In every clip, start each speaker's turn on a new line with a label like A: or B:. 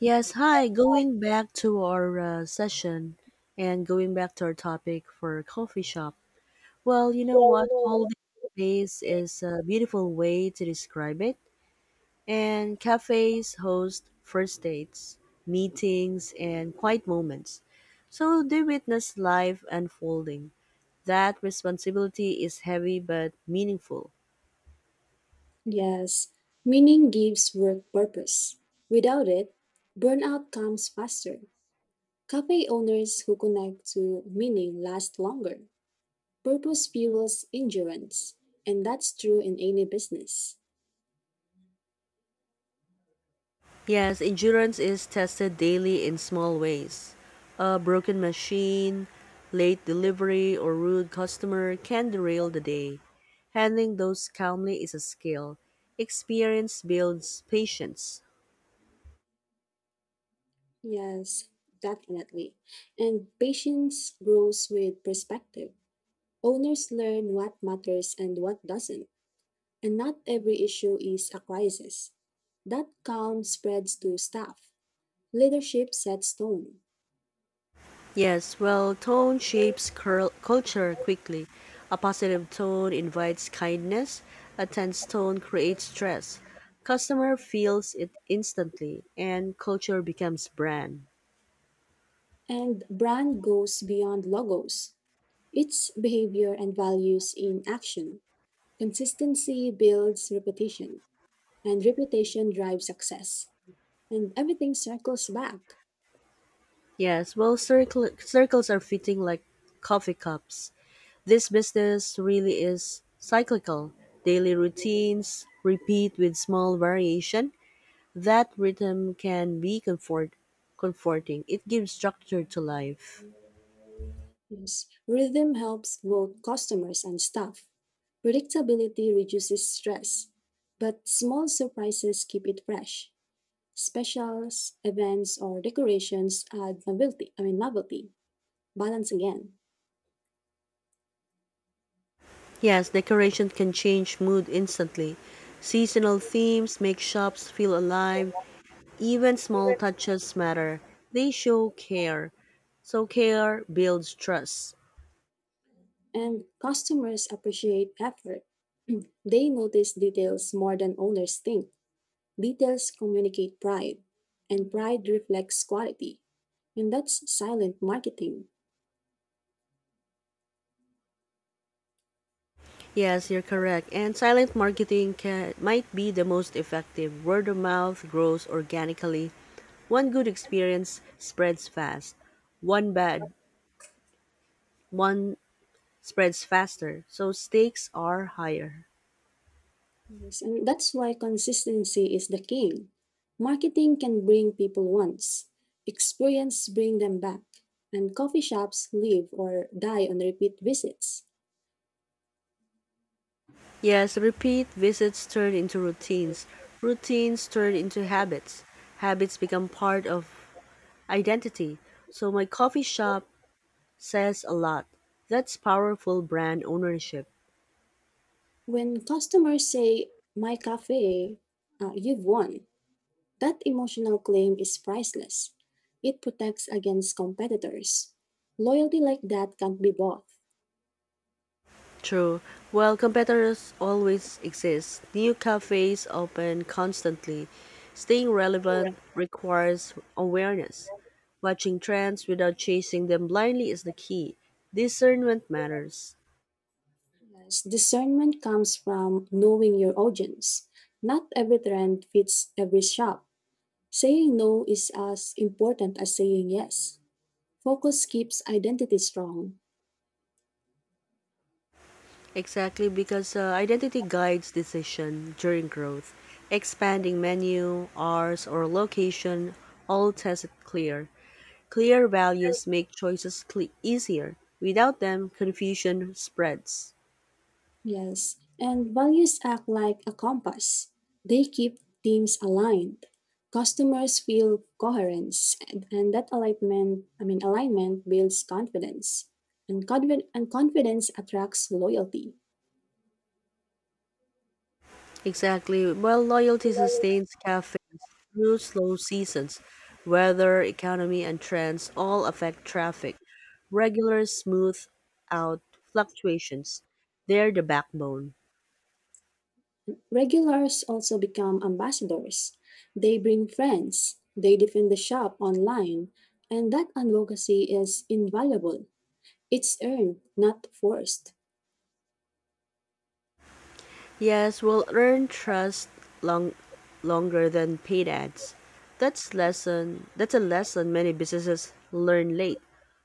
A: Yes, hi. Going back to our session and going back to our topic for coffee shop. Well, you know what? Holding space is a beautiful way to describe it. And cafes host first dates, meetings, and quiet moments. So they witness life unfolding. That responsibility is heavy but meaningful.
B: Yes, meaning gives work purpose. Without it, burnout comes faster. Cafe owners who connect to meaning last longer. Purpose fuels endurance, and that's true in any business.
A: Yes, endurance is tested daily in small ways. A broken machine, late delivery, or rude customer can derail the day. Handling those calmly is a skill. Experience builds patience.
B: Yes, definitely. And patience grows with perspective. Owners learn what matters and what doesn't, and not every issue is a crisis. That calm spreads to staff. Leadership sets tone.
A: Yes, well, tone shapes culture quickly. A positive tone invites kindness, a tense tone creates stress. Customer feels it instantly, and culture becomes brand.
B: And brand goes beyond logos. It's behavior and values in action. Consistency builds reputation, and reputation drives success. And everything circles back.
A: Yes, well, circles are fitting like coffee cups. This business really is cyclical. Daily routines repeat with small variation. That rhythm can be comforting. It gives structure to life.
B: Yes. Rhythm helps both customers and staff. Predictability reduces stress, but small surprises keep it fresh. Specials, events, or decorations add novelty. I mean novelty. Balance again.
A: Yes, decoration can change mood instantly. Seasonal themes make shops feel alive. Even small touches matter. They show care. So care builds trust.
B: And customers appreciate effort. They notice details more than owners think. Details communicate pride, and pride reflects quality. And that's silent marketing.
A: Yes, you're correct. And silent marketing might be the most effective. Word of mouth grows organically. One good experience spreads fast. One bad one spreads faster. So stakes are higher.
B: Yes, and that's why consistency is the king. Marketing can bring people once, experience bring them back, and coffee shops live or die on repeat visits.
A: Yes, repeat visits turn into routines. Routines turn into habits. Habits become part of identity. So my coffee shop says a lot. That's powerful brand ownership.
B: When customers say, My cafe, you've won. That emotional claim is priceless. It protects against competitors. Loyalty like that can't be bought.
A: True. While competitors always exist, new cafes open constantly. Staying relevant requires awareness. Watching trends without chasing them blindly is the key. Discernment matters.
B: Yes, discernment comes from knowing your audience. Not every trend fits every shop. Saying no is as important as saying yes. Focus keeps identity strong.
A: Exactly, because identity guides decision during growth. Expanding menu, hours, or location all test it clear. Clear values make choices easier. Without them, confusion spreads.
B: Yes, and values act like a compass. They keep teams aligned. Customers feel coherence, and that alignment builds confidence. And, and confidence attracts loyalty.
A: Exactly. Well, loyalty sustains cafe through slow seasons. Weather, economy, and trends all affect traffic. Regular, smooth out fluctuations. They're the backbone.
B: Regulars also become ambassadors. They bring friends, they defend the shop online, and that advocacy is invaluable. It's earned, not forced.
A: Yes, we'll earn trust long, longer than paid ads. That's a lesson many businesses learn late.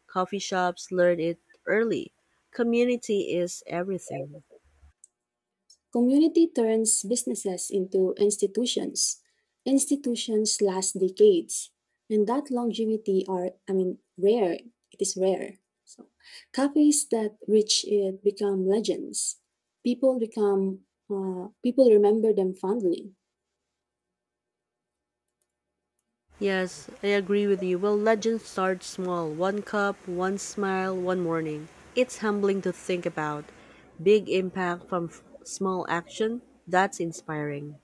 A: Coffee shops learn it early. Community is everything.
B: Community turns businesses into institutions. Institutions last decades, and that longevity are, I mean, rare. It is rare. So, cafes that reach it become legends. People become people remember them fondly.
A: Yes, I agree with you. Well, legends start small one cup, one smile, one morning. It's humbling to think about. Big impact from small action, that's inspiring.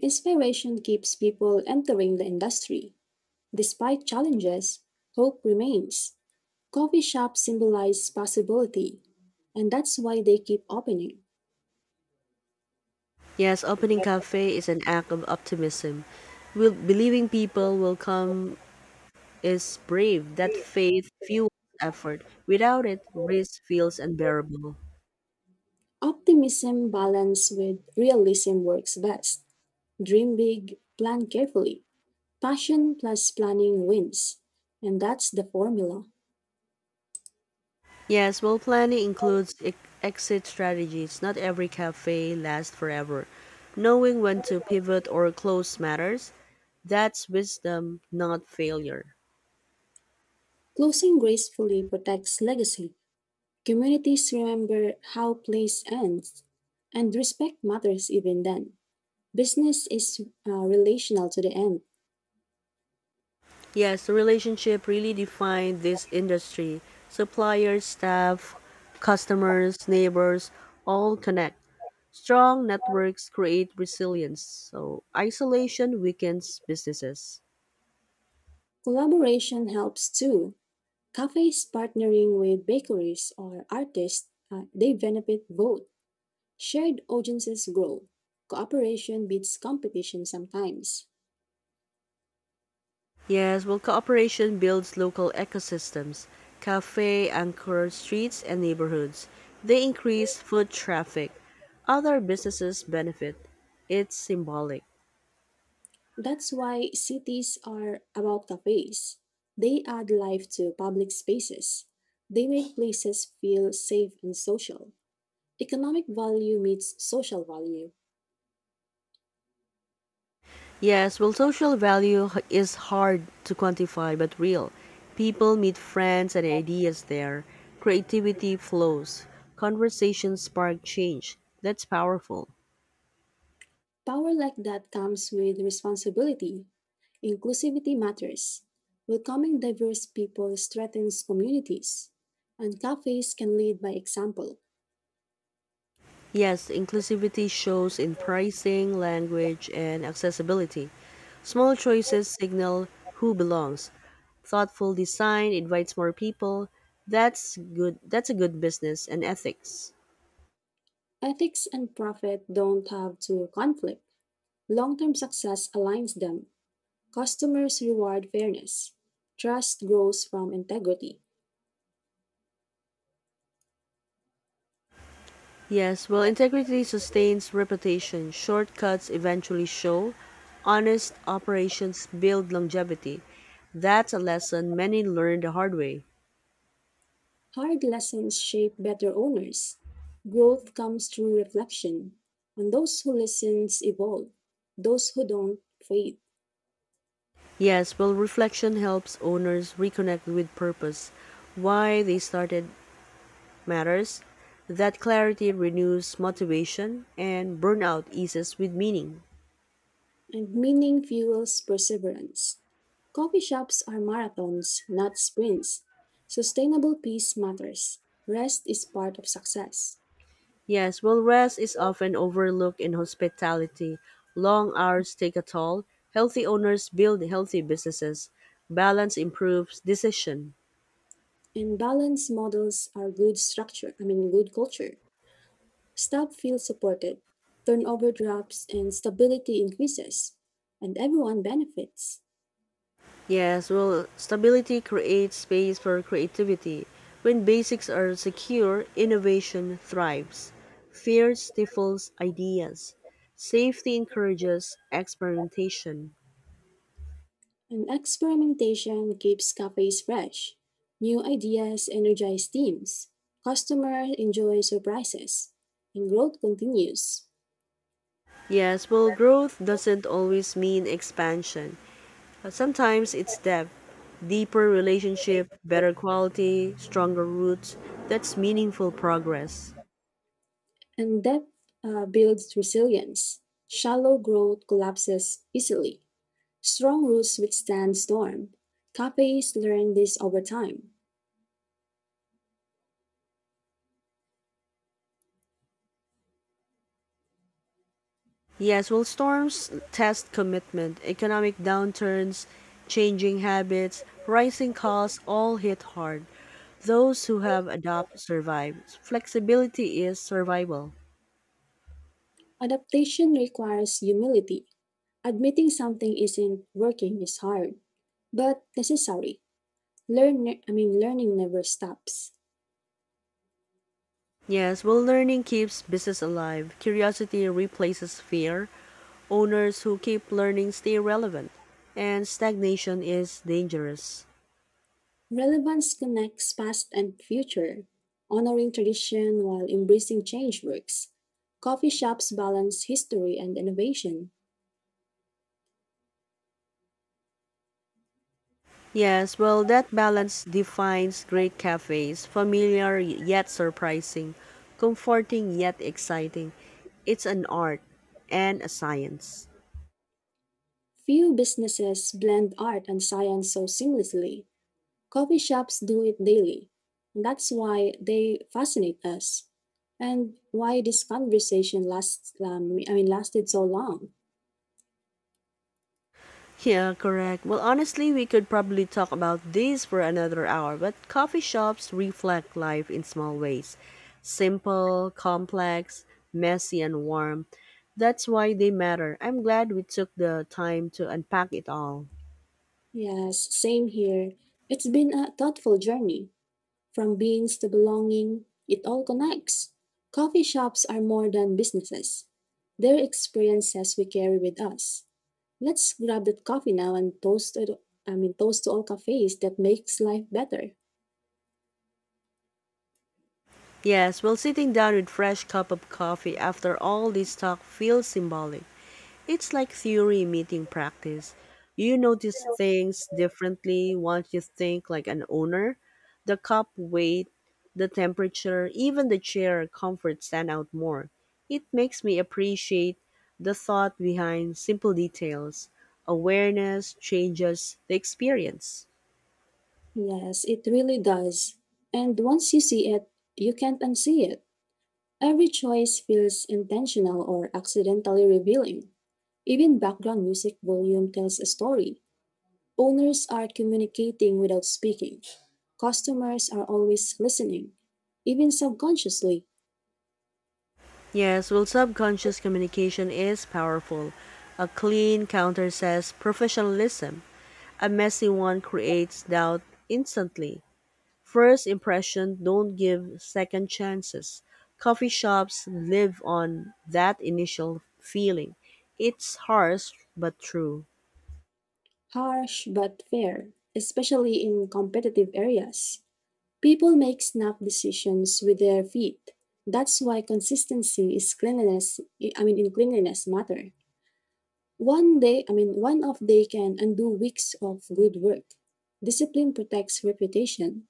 B: Inspiration keeps people entering the industry. Despite challenges, hope remains. Coffee shops symbolize possibility, and that's why they keep opening.
A: Yes, opening cafe is an act of optimism. Will believing people will come is brave. That faith fuels effort. Without it, risk feels unbearable.
B: Optimism balanced with realism works best. Dream big, plan carefully. Passion plus planning wins. And that's the formula.
A: Yes, well, planning includes exit strategies. Not every cafe lasts forever. Knowing when to pivot or close matters. That's wisdom, not failure.
B: Closing gracefully protects legacy. Communities remember how place ends, and respect matters even then. Business is relational to the end.
A: Yes, the relationship really defined this industry. Suppliers, staff, customers, neighbors, all connect. Strong networks create resilience. So isolation weakens businesses.
B: Collaboration helps too. Cafes partnering with bakeries or artists, they benefit both. Shared audiences grow. Cooperation beats competition sometimes.
A: Yes, well, cooperation builds local ecosystems. Cafe anchor streets and neighborhoods. They increase foot traffic. Other businesses benefit. It's symbolic.
B: That's why cities are about cafes. They add life to public spaces. They make places feel safe and social. Economic value meets social value.
A: Yes, well, social value is hard to quantify but real. People meet friends and ideas there. Creativity flows. Conversations spark change. That's powerful.
B: Power like that comes with responsibility. Inclusivity matters. Welcoming diverse people strengthens communities. And cafes can lead by example.
A: Yes, inclusivity shows in pricing, language, and accessibility. Small choices signal who belongs. Thoughtful design invites more people. That's good. That's a good business and ethics.
B: Ethics and profit don't have to conflict. Long term success aligns them. Customers reward fairness. Trust grows from integrity.
A: Yes, well, integrity sustains reputation. Shortcuts eventually show. Honest operations build longevity. That's a lesson many learn the hard way.
B: Hard lessons shape better owners. Growth comes through reflection. And those who listen evolve. Those who don't fade.
A: Yes, well, reflection helps owners reconnect with purpose, why they started matters, that clarity renews motivation and burnout eases with meaning.
B: And meaning fuels perseverance. Coffee shops are marathons, not sprints. Sustainable peace matters. Rest is part of success.
A: Yes, while rest is often overlooked in hospitality, long hours take a toll. Healthy owners build healthy businesses. Balance improves decision.
B: And balanced models are good culture. Staff feel supported, turnover drops, and stability increases, and everyone benefits.
A: Yes, well, stability creates space for creativity. When basics are secure, innovation thrives. Fear stifles ideas. Safety encourages experimentation.
B: And experimentation keeps cafes fresh. New ideas energize teams. Customers enjoy surprises, and growth continues.
A: Yes, well, growth doesn't always mean expansion. Sometimes it's depth, deeper relationship, better quality, stronger roots. That's meaningful progress.
B: And depth builds resilience. Shallow growth collapses easily. Strong roots withstand storm. Cafes learn this over time.
A: Yes, well, storms test commitment, economic downturns, changing habits, rising costs all hit hard. Those who have adapt survive. Flexibility is survival.
B: Adaptation requires humility. Admitting something isn't working is hard, but necessary. Learning never stops.
A: Yes, well, learning keeps business alive. Curiosity replaces fear. Owners who keep learning stay relevant. And stagnation is dangerous.
B: Relevance connects past and future. Honoring tradition while embracing change works. Coffee shops balance history and innovation.
A: Yes, well, that balance defines great cafes familiar yet surprising, comforting yet exciting. It's an art and a science.
B: Few businesses blend art and science so seamlessly. Coffee shops do it daily. That's why they fascinate us and why this conversation lasts I mean lasted so long.
A: Yeah, correct. Well, honestly, we could probably talk about this for another hour, but coffee shops reflect life in small ways simple, complex, messy, and warm. That's why they matter. I'm glad we took the time to unpack it all.
B: Yes, same here. It's been a thoughtful journey from beans to belonging. It all connects. Coffee shops are more than businesses. They're experiences we carry with us. Let's grab that coffee now and toast to all cafes that makes life better.
A: Yes, well, sitting down with fresh cup of coffee after all this talk feels symbolic. It's like theory meeting practice. You notice things differently once you think like an owner. The cup weight, the temperature, even the chair comfort stand out more. It makes me appreciate the thought behind simple details. Awareness changes the experience.
B: Yes, it really does. And once you see it, you can't unsee it. Every choice feels intentional or accidentally revealing. Even background music volume tells a story. Owners are communicating without speaking. Customers are always listening, even subconsciously.
A: Yes, well, subconscious communication is powerful. A clean counter says professionalism. A messy one creates doubt instantly. First impression don't give second chances. Coffee shops live on that initial feeling. It's harsh but true.
B: Harsh but fair, especially in competitive areas. People make snap decisions with their feet. That's why consistency is in cleanliness matter. One off day can undo weeks of good work. Discipline protects reputation.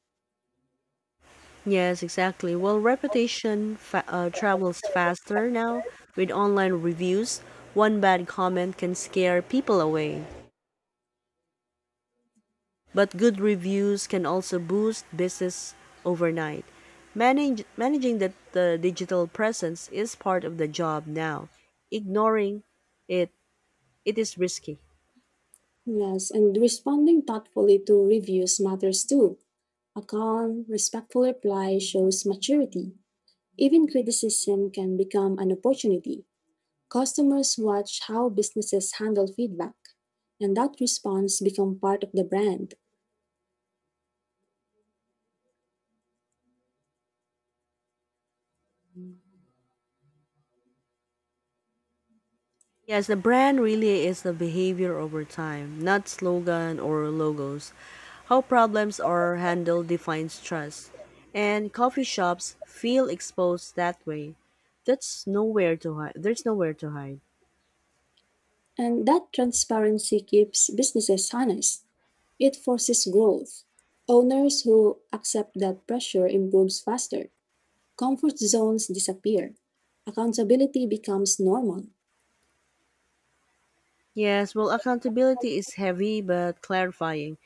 A: Yes, exactly. Well, reputation travels faster now with online reviews. One bad comment can scare people away. But good reviews can also boost business overnight. Managing the digital presence is part of the job now. Ignoring it, it is risky.
B: Yes, and responding thoughtfully to reviews matters too. A calm, respectful reply shows maturity. Even criticism can become an opportunity. Customers watch how businesses handle feedback, and that response becomes part of the brand.
A: Yes, the brand really is the behavior over time, not slogan or logos. How problems are handled defines trust. And coffee shops feel exposed that way. That's nowhere to hide. There's nowhere to hide.
B: And that transparency keeps businesses honest. It forces growth. Owners who accept that pressure improves faster. Comfort zones disappear. Accountability becomes normal.
A: Yes, well, accountability is heavy but clarifying.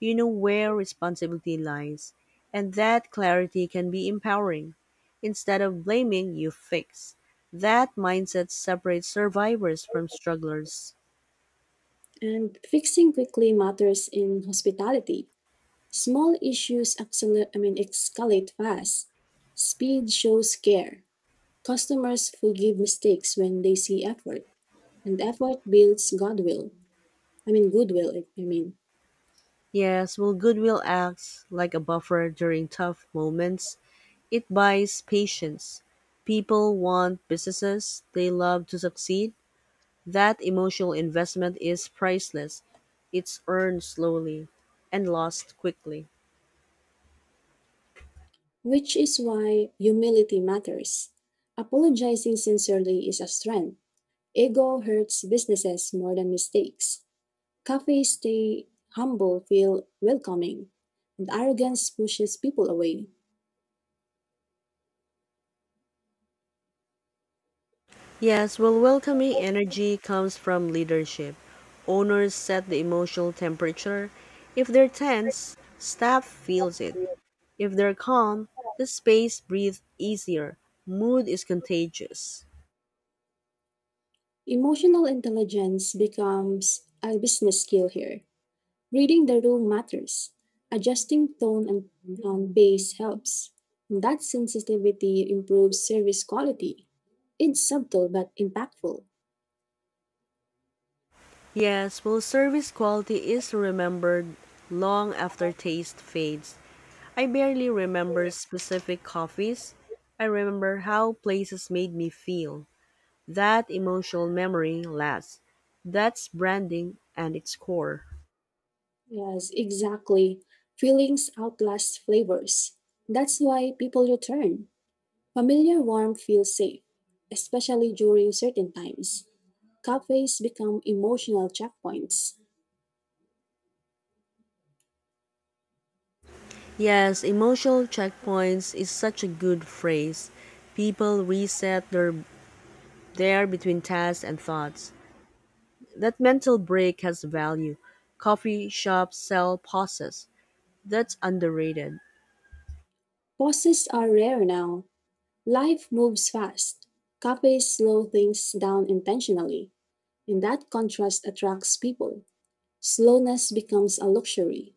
A: You know where responsibility lies, and that clarity can be empowering. Instead of blaming, you fix. That mindset separates survivors from strugglers.
B: And fixing quickly matters in hospitality. Small issues escalate fast. Speed shows care. Customers forgive mistakes when they see effort. And effort builds goodwill. I mean, goodwill, I I mean.
A: Yes, well, goodwill acts like a buffer during tough moments. It buys patience. People want businesses they love to succeed. That emotional investment is priceless. It's earned slowly and lost quickly.
B: Which is why humility matters. Apologizing sincerely is a strength. Ego hurts businesses more than mistakes. Cafes stay humble feel welcoming, and arrogance pushes people away.
A: Yes, well, welcoming energy comes from leadership. Owners set the emotional temperature. If they're tense, staff feels it. If they're calm, the space breathes easier. Mood is contagious.
B: Emotional intelligence becomes a business skill here. Reading the room matters. Adjusting tone and base helps. That sensitivity improves service quality. It's subtle but impactful.
A: Yes, well, service quality is remembered long after taste fades. I barely remember specific coffees. I remember how places made me feel. That emotional memory lasts. That's branding and its core.
B: Yes, exactly. Feelings outlast flavors. That's why people return. Familiar warmth feels safe, especially during certain times. Cafes become emotional checkpoints.
A: Yes, emotional checkpoints is such a good phrase. People reset their there between tasks and thoughts. That mental break has value. Coffee shops sell pauses. That's underrated.
B: Pauses are rare now. Life moves fast. Cafes slow things down intentionally, and that contrast attracts people. Slowness becomes a luxury.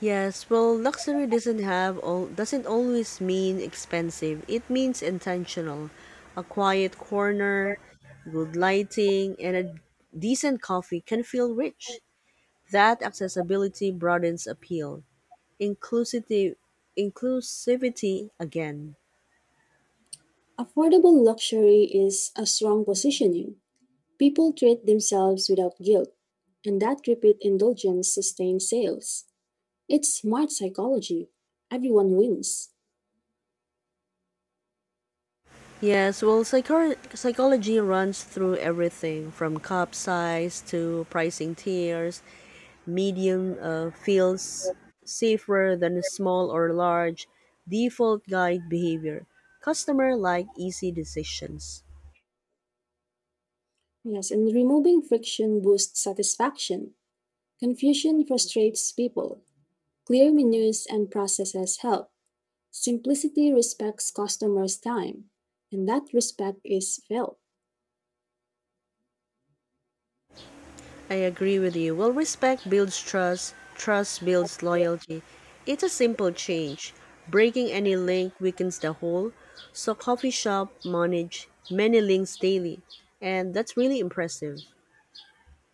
A: Yes, well, luxury doesn't have all doesn't always mean expensive. It means intentional. A quiet corner, good lighting, and a decent coffee can feel rich. That accessibility broadens appeal. Inclusivity inclusivity again.
B: Affordable luxury is a strong positioning. People treat themselves without guilt, and that repeat indulgence sustains sales. It's smart psychology. Everyone wins.
A: Yes, well, psychor psychology runs through everything from cup size to pricing tiers. Medium feels safer than small or large. Default guide behavior. Customer like easy decisions.
B: Yes, and removing friction boosts satisfaction. Confusion frustrates people. Clear menus and processes help. Simplicity respects customers' time, and that respect is felt.
A: I agree with you. Well, respect builds trust, trust builds loyalty. It's a simple change. Breaking any link weakens the whole. So coffee shop manage many links daily, and that's really impressive.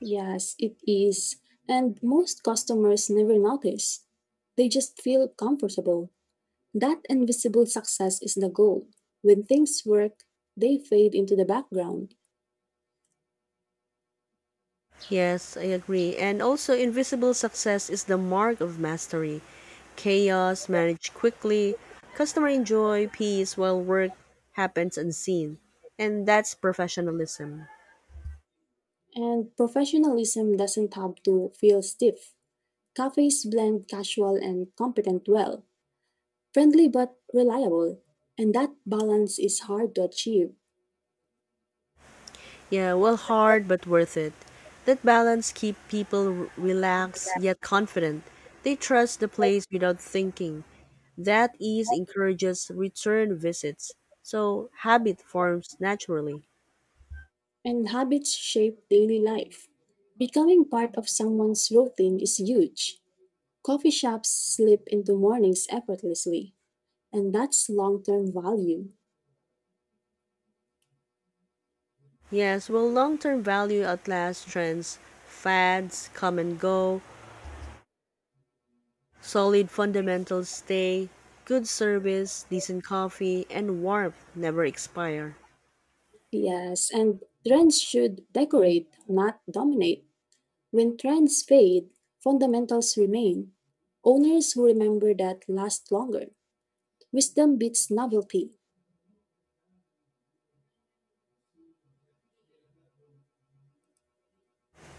B: Yes, it is. And most customers never notice. They just feel comfortable. That invisible success is the goal. When things work, they fade into the background,
A: Yes, I agree. And also, invisible success is the mark of mastery. Chaos managed quickly, customer enjoy peace while work happens unseen. And that's professionalism.
B: and professionalism doesn't have to feel stiff. Cafes blend casual and competent well, friendly but reliable, and that balance is hard to achieve.
A: Yeah, well, hard but worth it. That balance keep people relaxed yet confident. They trust the place without thinking. That ease encourages return visits. So habit forms naturally.
B: And habits shape daily life. Becoming part of someone's routine is huge. Coffee shops slip into mornings effortlessly, and that's long term value.
A: Yes, well, long term value outlasts trends. Fads come and go, solid fundamentals stay, good service, decent coffee, and warmth never expire.
B: Yes, and trends should decorate, not dominate. When trends fade, fundamentals remain. Owners who remember that last longer. Wisdom beats novelty.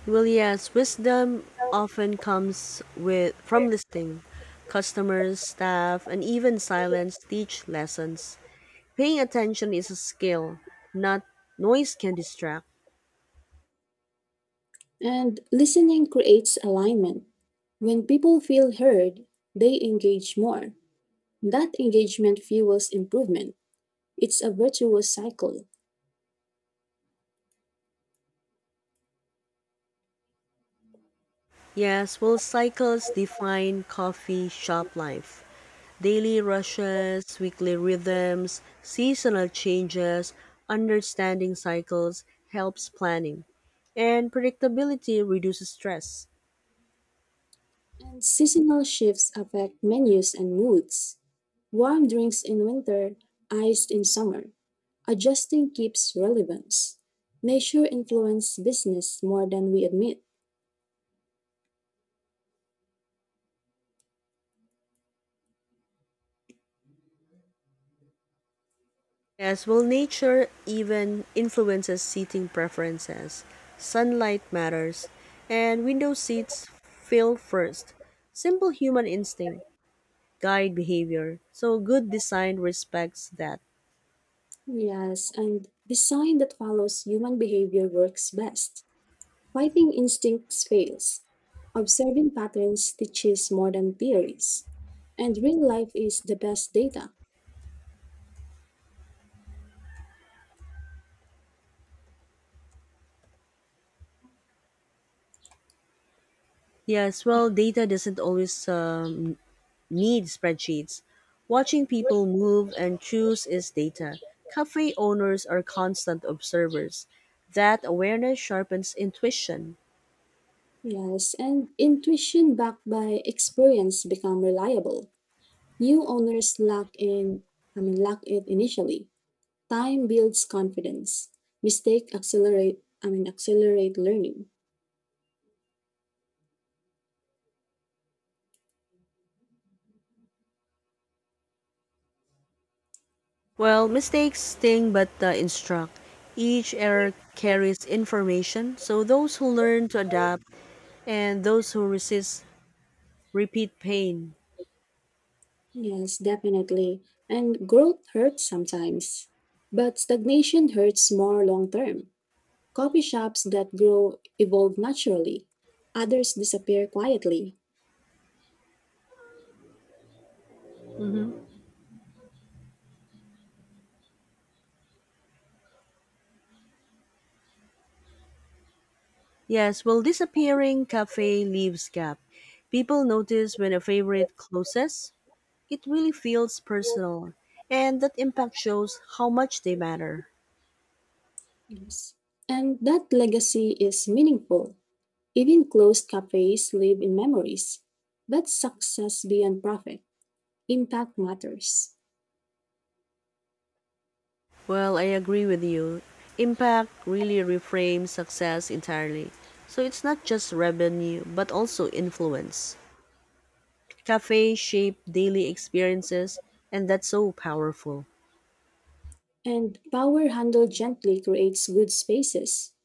A: Well, yes, wisdom often comes with from listing. Customers, staff, and even silence teach lessons. Paying attention is a skill, not noise can distract.
B: And listening creates alignment. When people feel heard, they engage more. That engagement fuels improvement. It's a virtuous cycle.
A: Yes, well, cycles define coffee shop life. Daily rushes, weekly rhythms, seasonal changes, understanding cycles helps planning, and predictability reduces stress.
B: And seasonal shifts affect menus and moods. Warm drinks in winter, iced in summer. Adjusting keeps relevance. Nature influences business more than we admit.
A: As well, nature even influences seating preferences. Sunlight matters, and window seats fill first. Simple human instinct guide behavior, so good design respects that.
B: Yes, and design that follows human behavior works best. Fighting instincts fails. Observing patterns teaches more than theories. And real life is the best data.
A: Yes, well, data doesn't always need spreadsheets. Watching people move and choose is data. Cafe owners are constant observers. That awareness sharpens intuition.
B: Yes, and intuition backed by experience become reliable. New owners lack in, I mean, lack it initially. Time builds confidence. Mistake accelerate learning.
A: Well, mistakes sting but instruct. Each error carries information, so those who learn to adapt and those who resist repeat pain.
B: Yes, definitely. And growth hurts sometimes. But stagnation hurts more long term. Coffee shops that grow evolve naturally. Others disappear quietly.
A: Yes, well, disappearing cafe leaves gap. People notice when a favorite closes, it really feels personal, and that impact shows how much they matter.
B: Yes. And that legacy is meaningful. Even closed cafes live in memories. That's success beyond profit. Impact matters.
A: Well, I agree with you. Impact really reframes success entirely. So it's not just revenue, but also influence. Cafes shape daily experiences, and that's so powerful.
B: And power handled gently creates good spaces.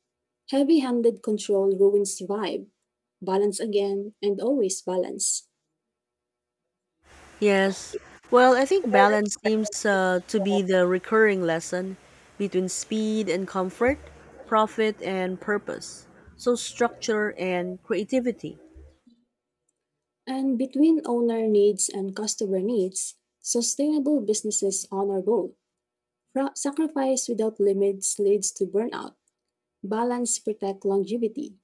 B: Heavy handed control ruins vibe. Balance again and always balance.
A: Yes. Well, I think balance seems to be the recurring lesson between speed and comfort, profit and purpose, so structure and creativity.
B: And between owner needs and customer needs, sustainable businesses honor both. Sacrifice without limits leads to burnout. Balance protects longevity.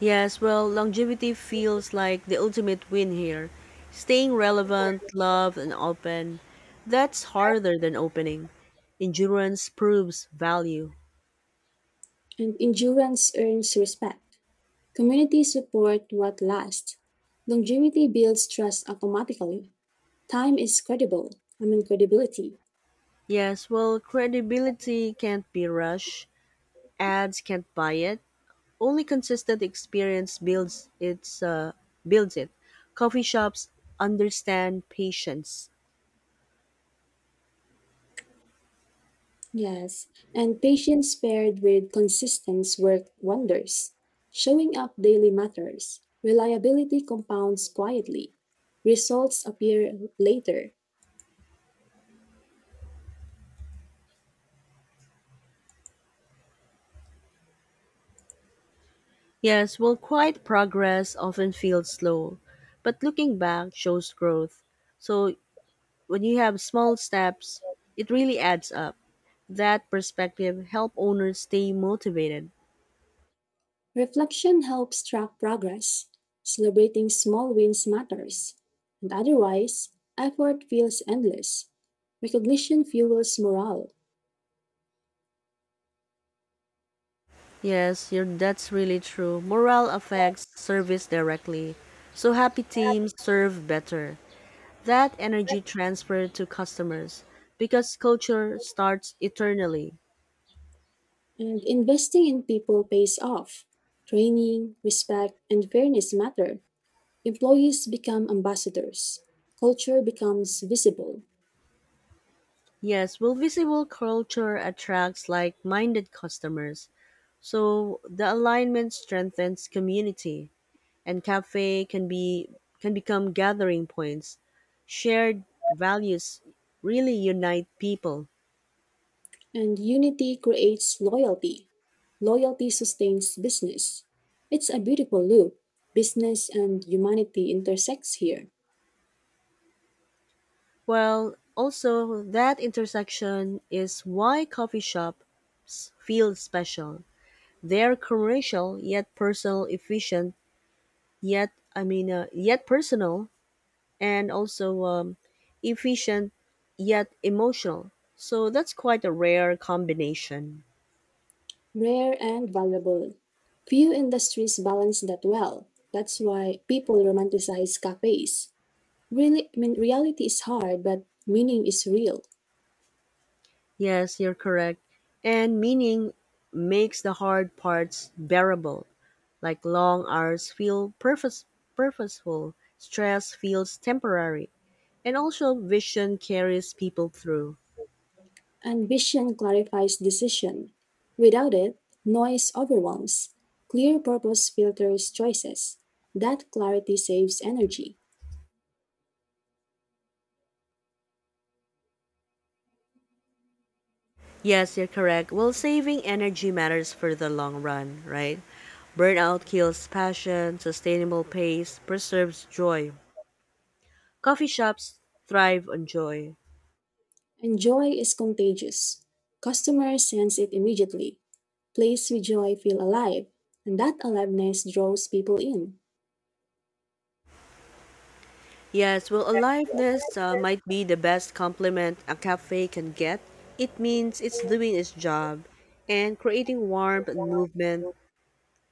A: Yes, well, longevity feels like the ultimate win here. Staying relevant, loved, and open. That's harder than opening. Endurance proves value.
B: And endurance earns respect. Community support what lasts. Longevity builds trust automatically. Time is credible. I mean, credibility.
A: Yes, well, credibility can't be rushed. Ads can't buy it. Only consistent experience builds it. Coffee shops understand patience.
B: Yes. And patience paired with consistence work wonders. Showing up daily matters. Reliability compounds quietly. Results appear later.
A: Yes, well, quiet progress often feels slow, but looking back shows growth. So when you have small steps, it really adds up. That perspective help owners stay motivated.
B: Reflection helps track progress. Celebrating small wins matters. And otherwise, effort feels endless. Recognition fuels morale.
A: Yes, that's really true. Morale affects service directly. So happy teams serve better. That energy transferred to customers because culture starts eternally.
B: And investing in people pays off. Training, respect, and fairness matter. Employees become ambassadors, culture becomes visible,
A: Yes, well, visible culture attracts like minded customers. So the alignment strengthens community. And cafe can become gathering points. Shared values really unite people.
B: and unity creates loyalty. Loyalty sustains business. It's a beautiful loop. Business and humanity intersects here.
A: Well, also that intersection is why coffee shops feel special. They're commercial yet personal, efficient yet I mean yet personal, and also efficient yet emotional. So that's quite a rare combination.
B: Rare and valuable. Few industries balance that well. That's why people romanticize cafes. Reality is hard, but meaning is real.
A: Yes, you're correct. And meaning makes the hard parts bearable, like long hours feel purpose, purposeful, stress feels temporary, and also vision carries people through.
B: Ambition clarifies decision. Without it, noise overwhelms. Clear purpose filters choices. That clarity saves energy.
A: Yes, you're correct. Well, saving energy matters for the long run, right? Burnout kills passion, sustainable pace preserves joy. Coffee shops thrive on joy.
B: And joy is contagious. Customers sense it immediately. Place with joy feel alive. And that aliveness draws people in.
A: Yes, well, aliveness might be the best compliment a cafe can get. It means it's doing its job and creating warmth and movement.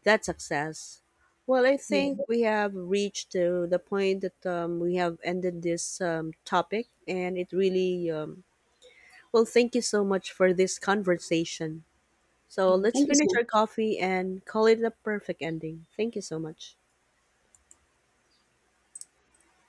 A: That's success. Well, I
B: Yeah.
A: think we have reached to the point that we have ended this topic, and it really Thank you so much for this conversation. So
B: Yeah.
A: let's
B: Thank you
A: finish
B: so
A: our
B: much.
A: coffee and call it a perfect ending. Thank you so much.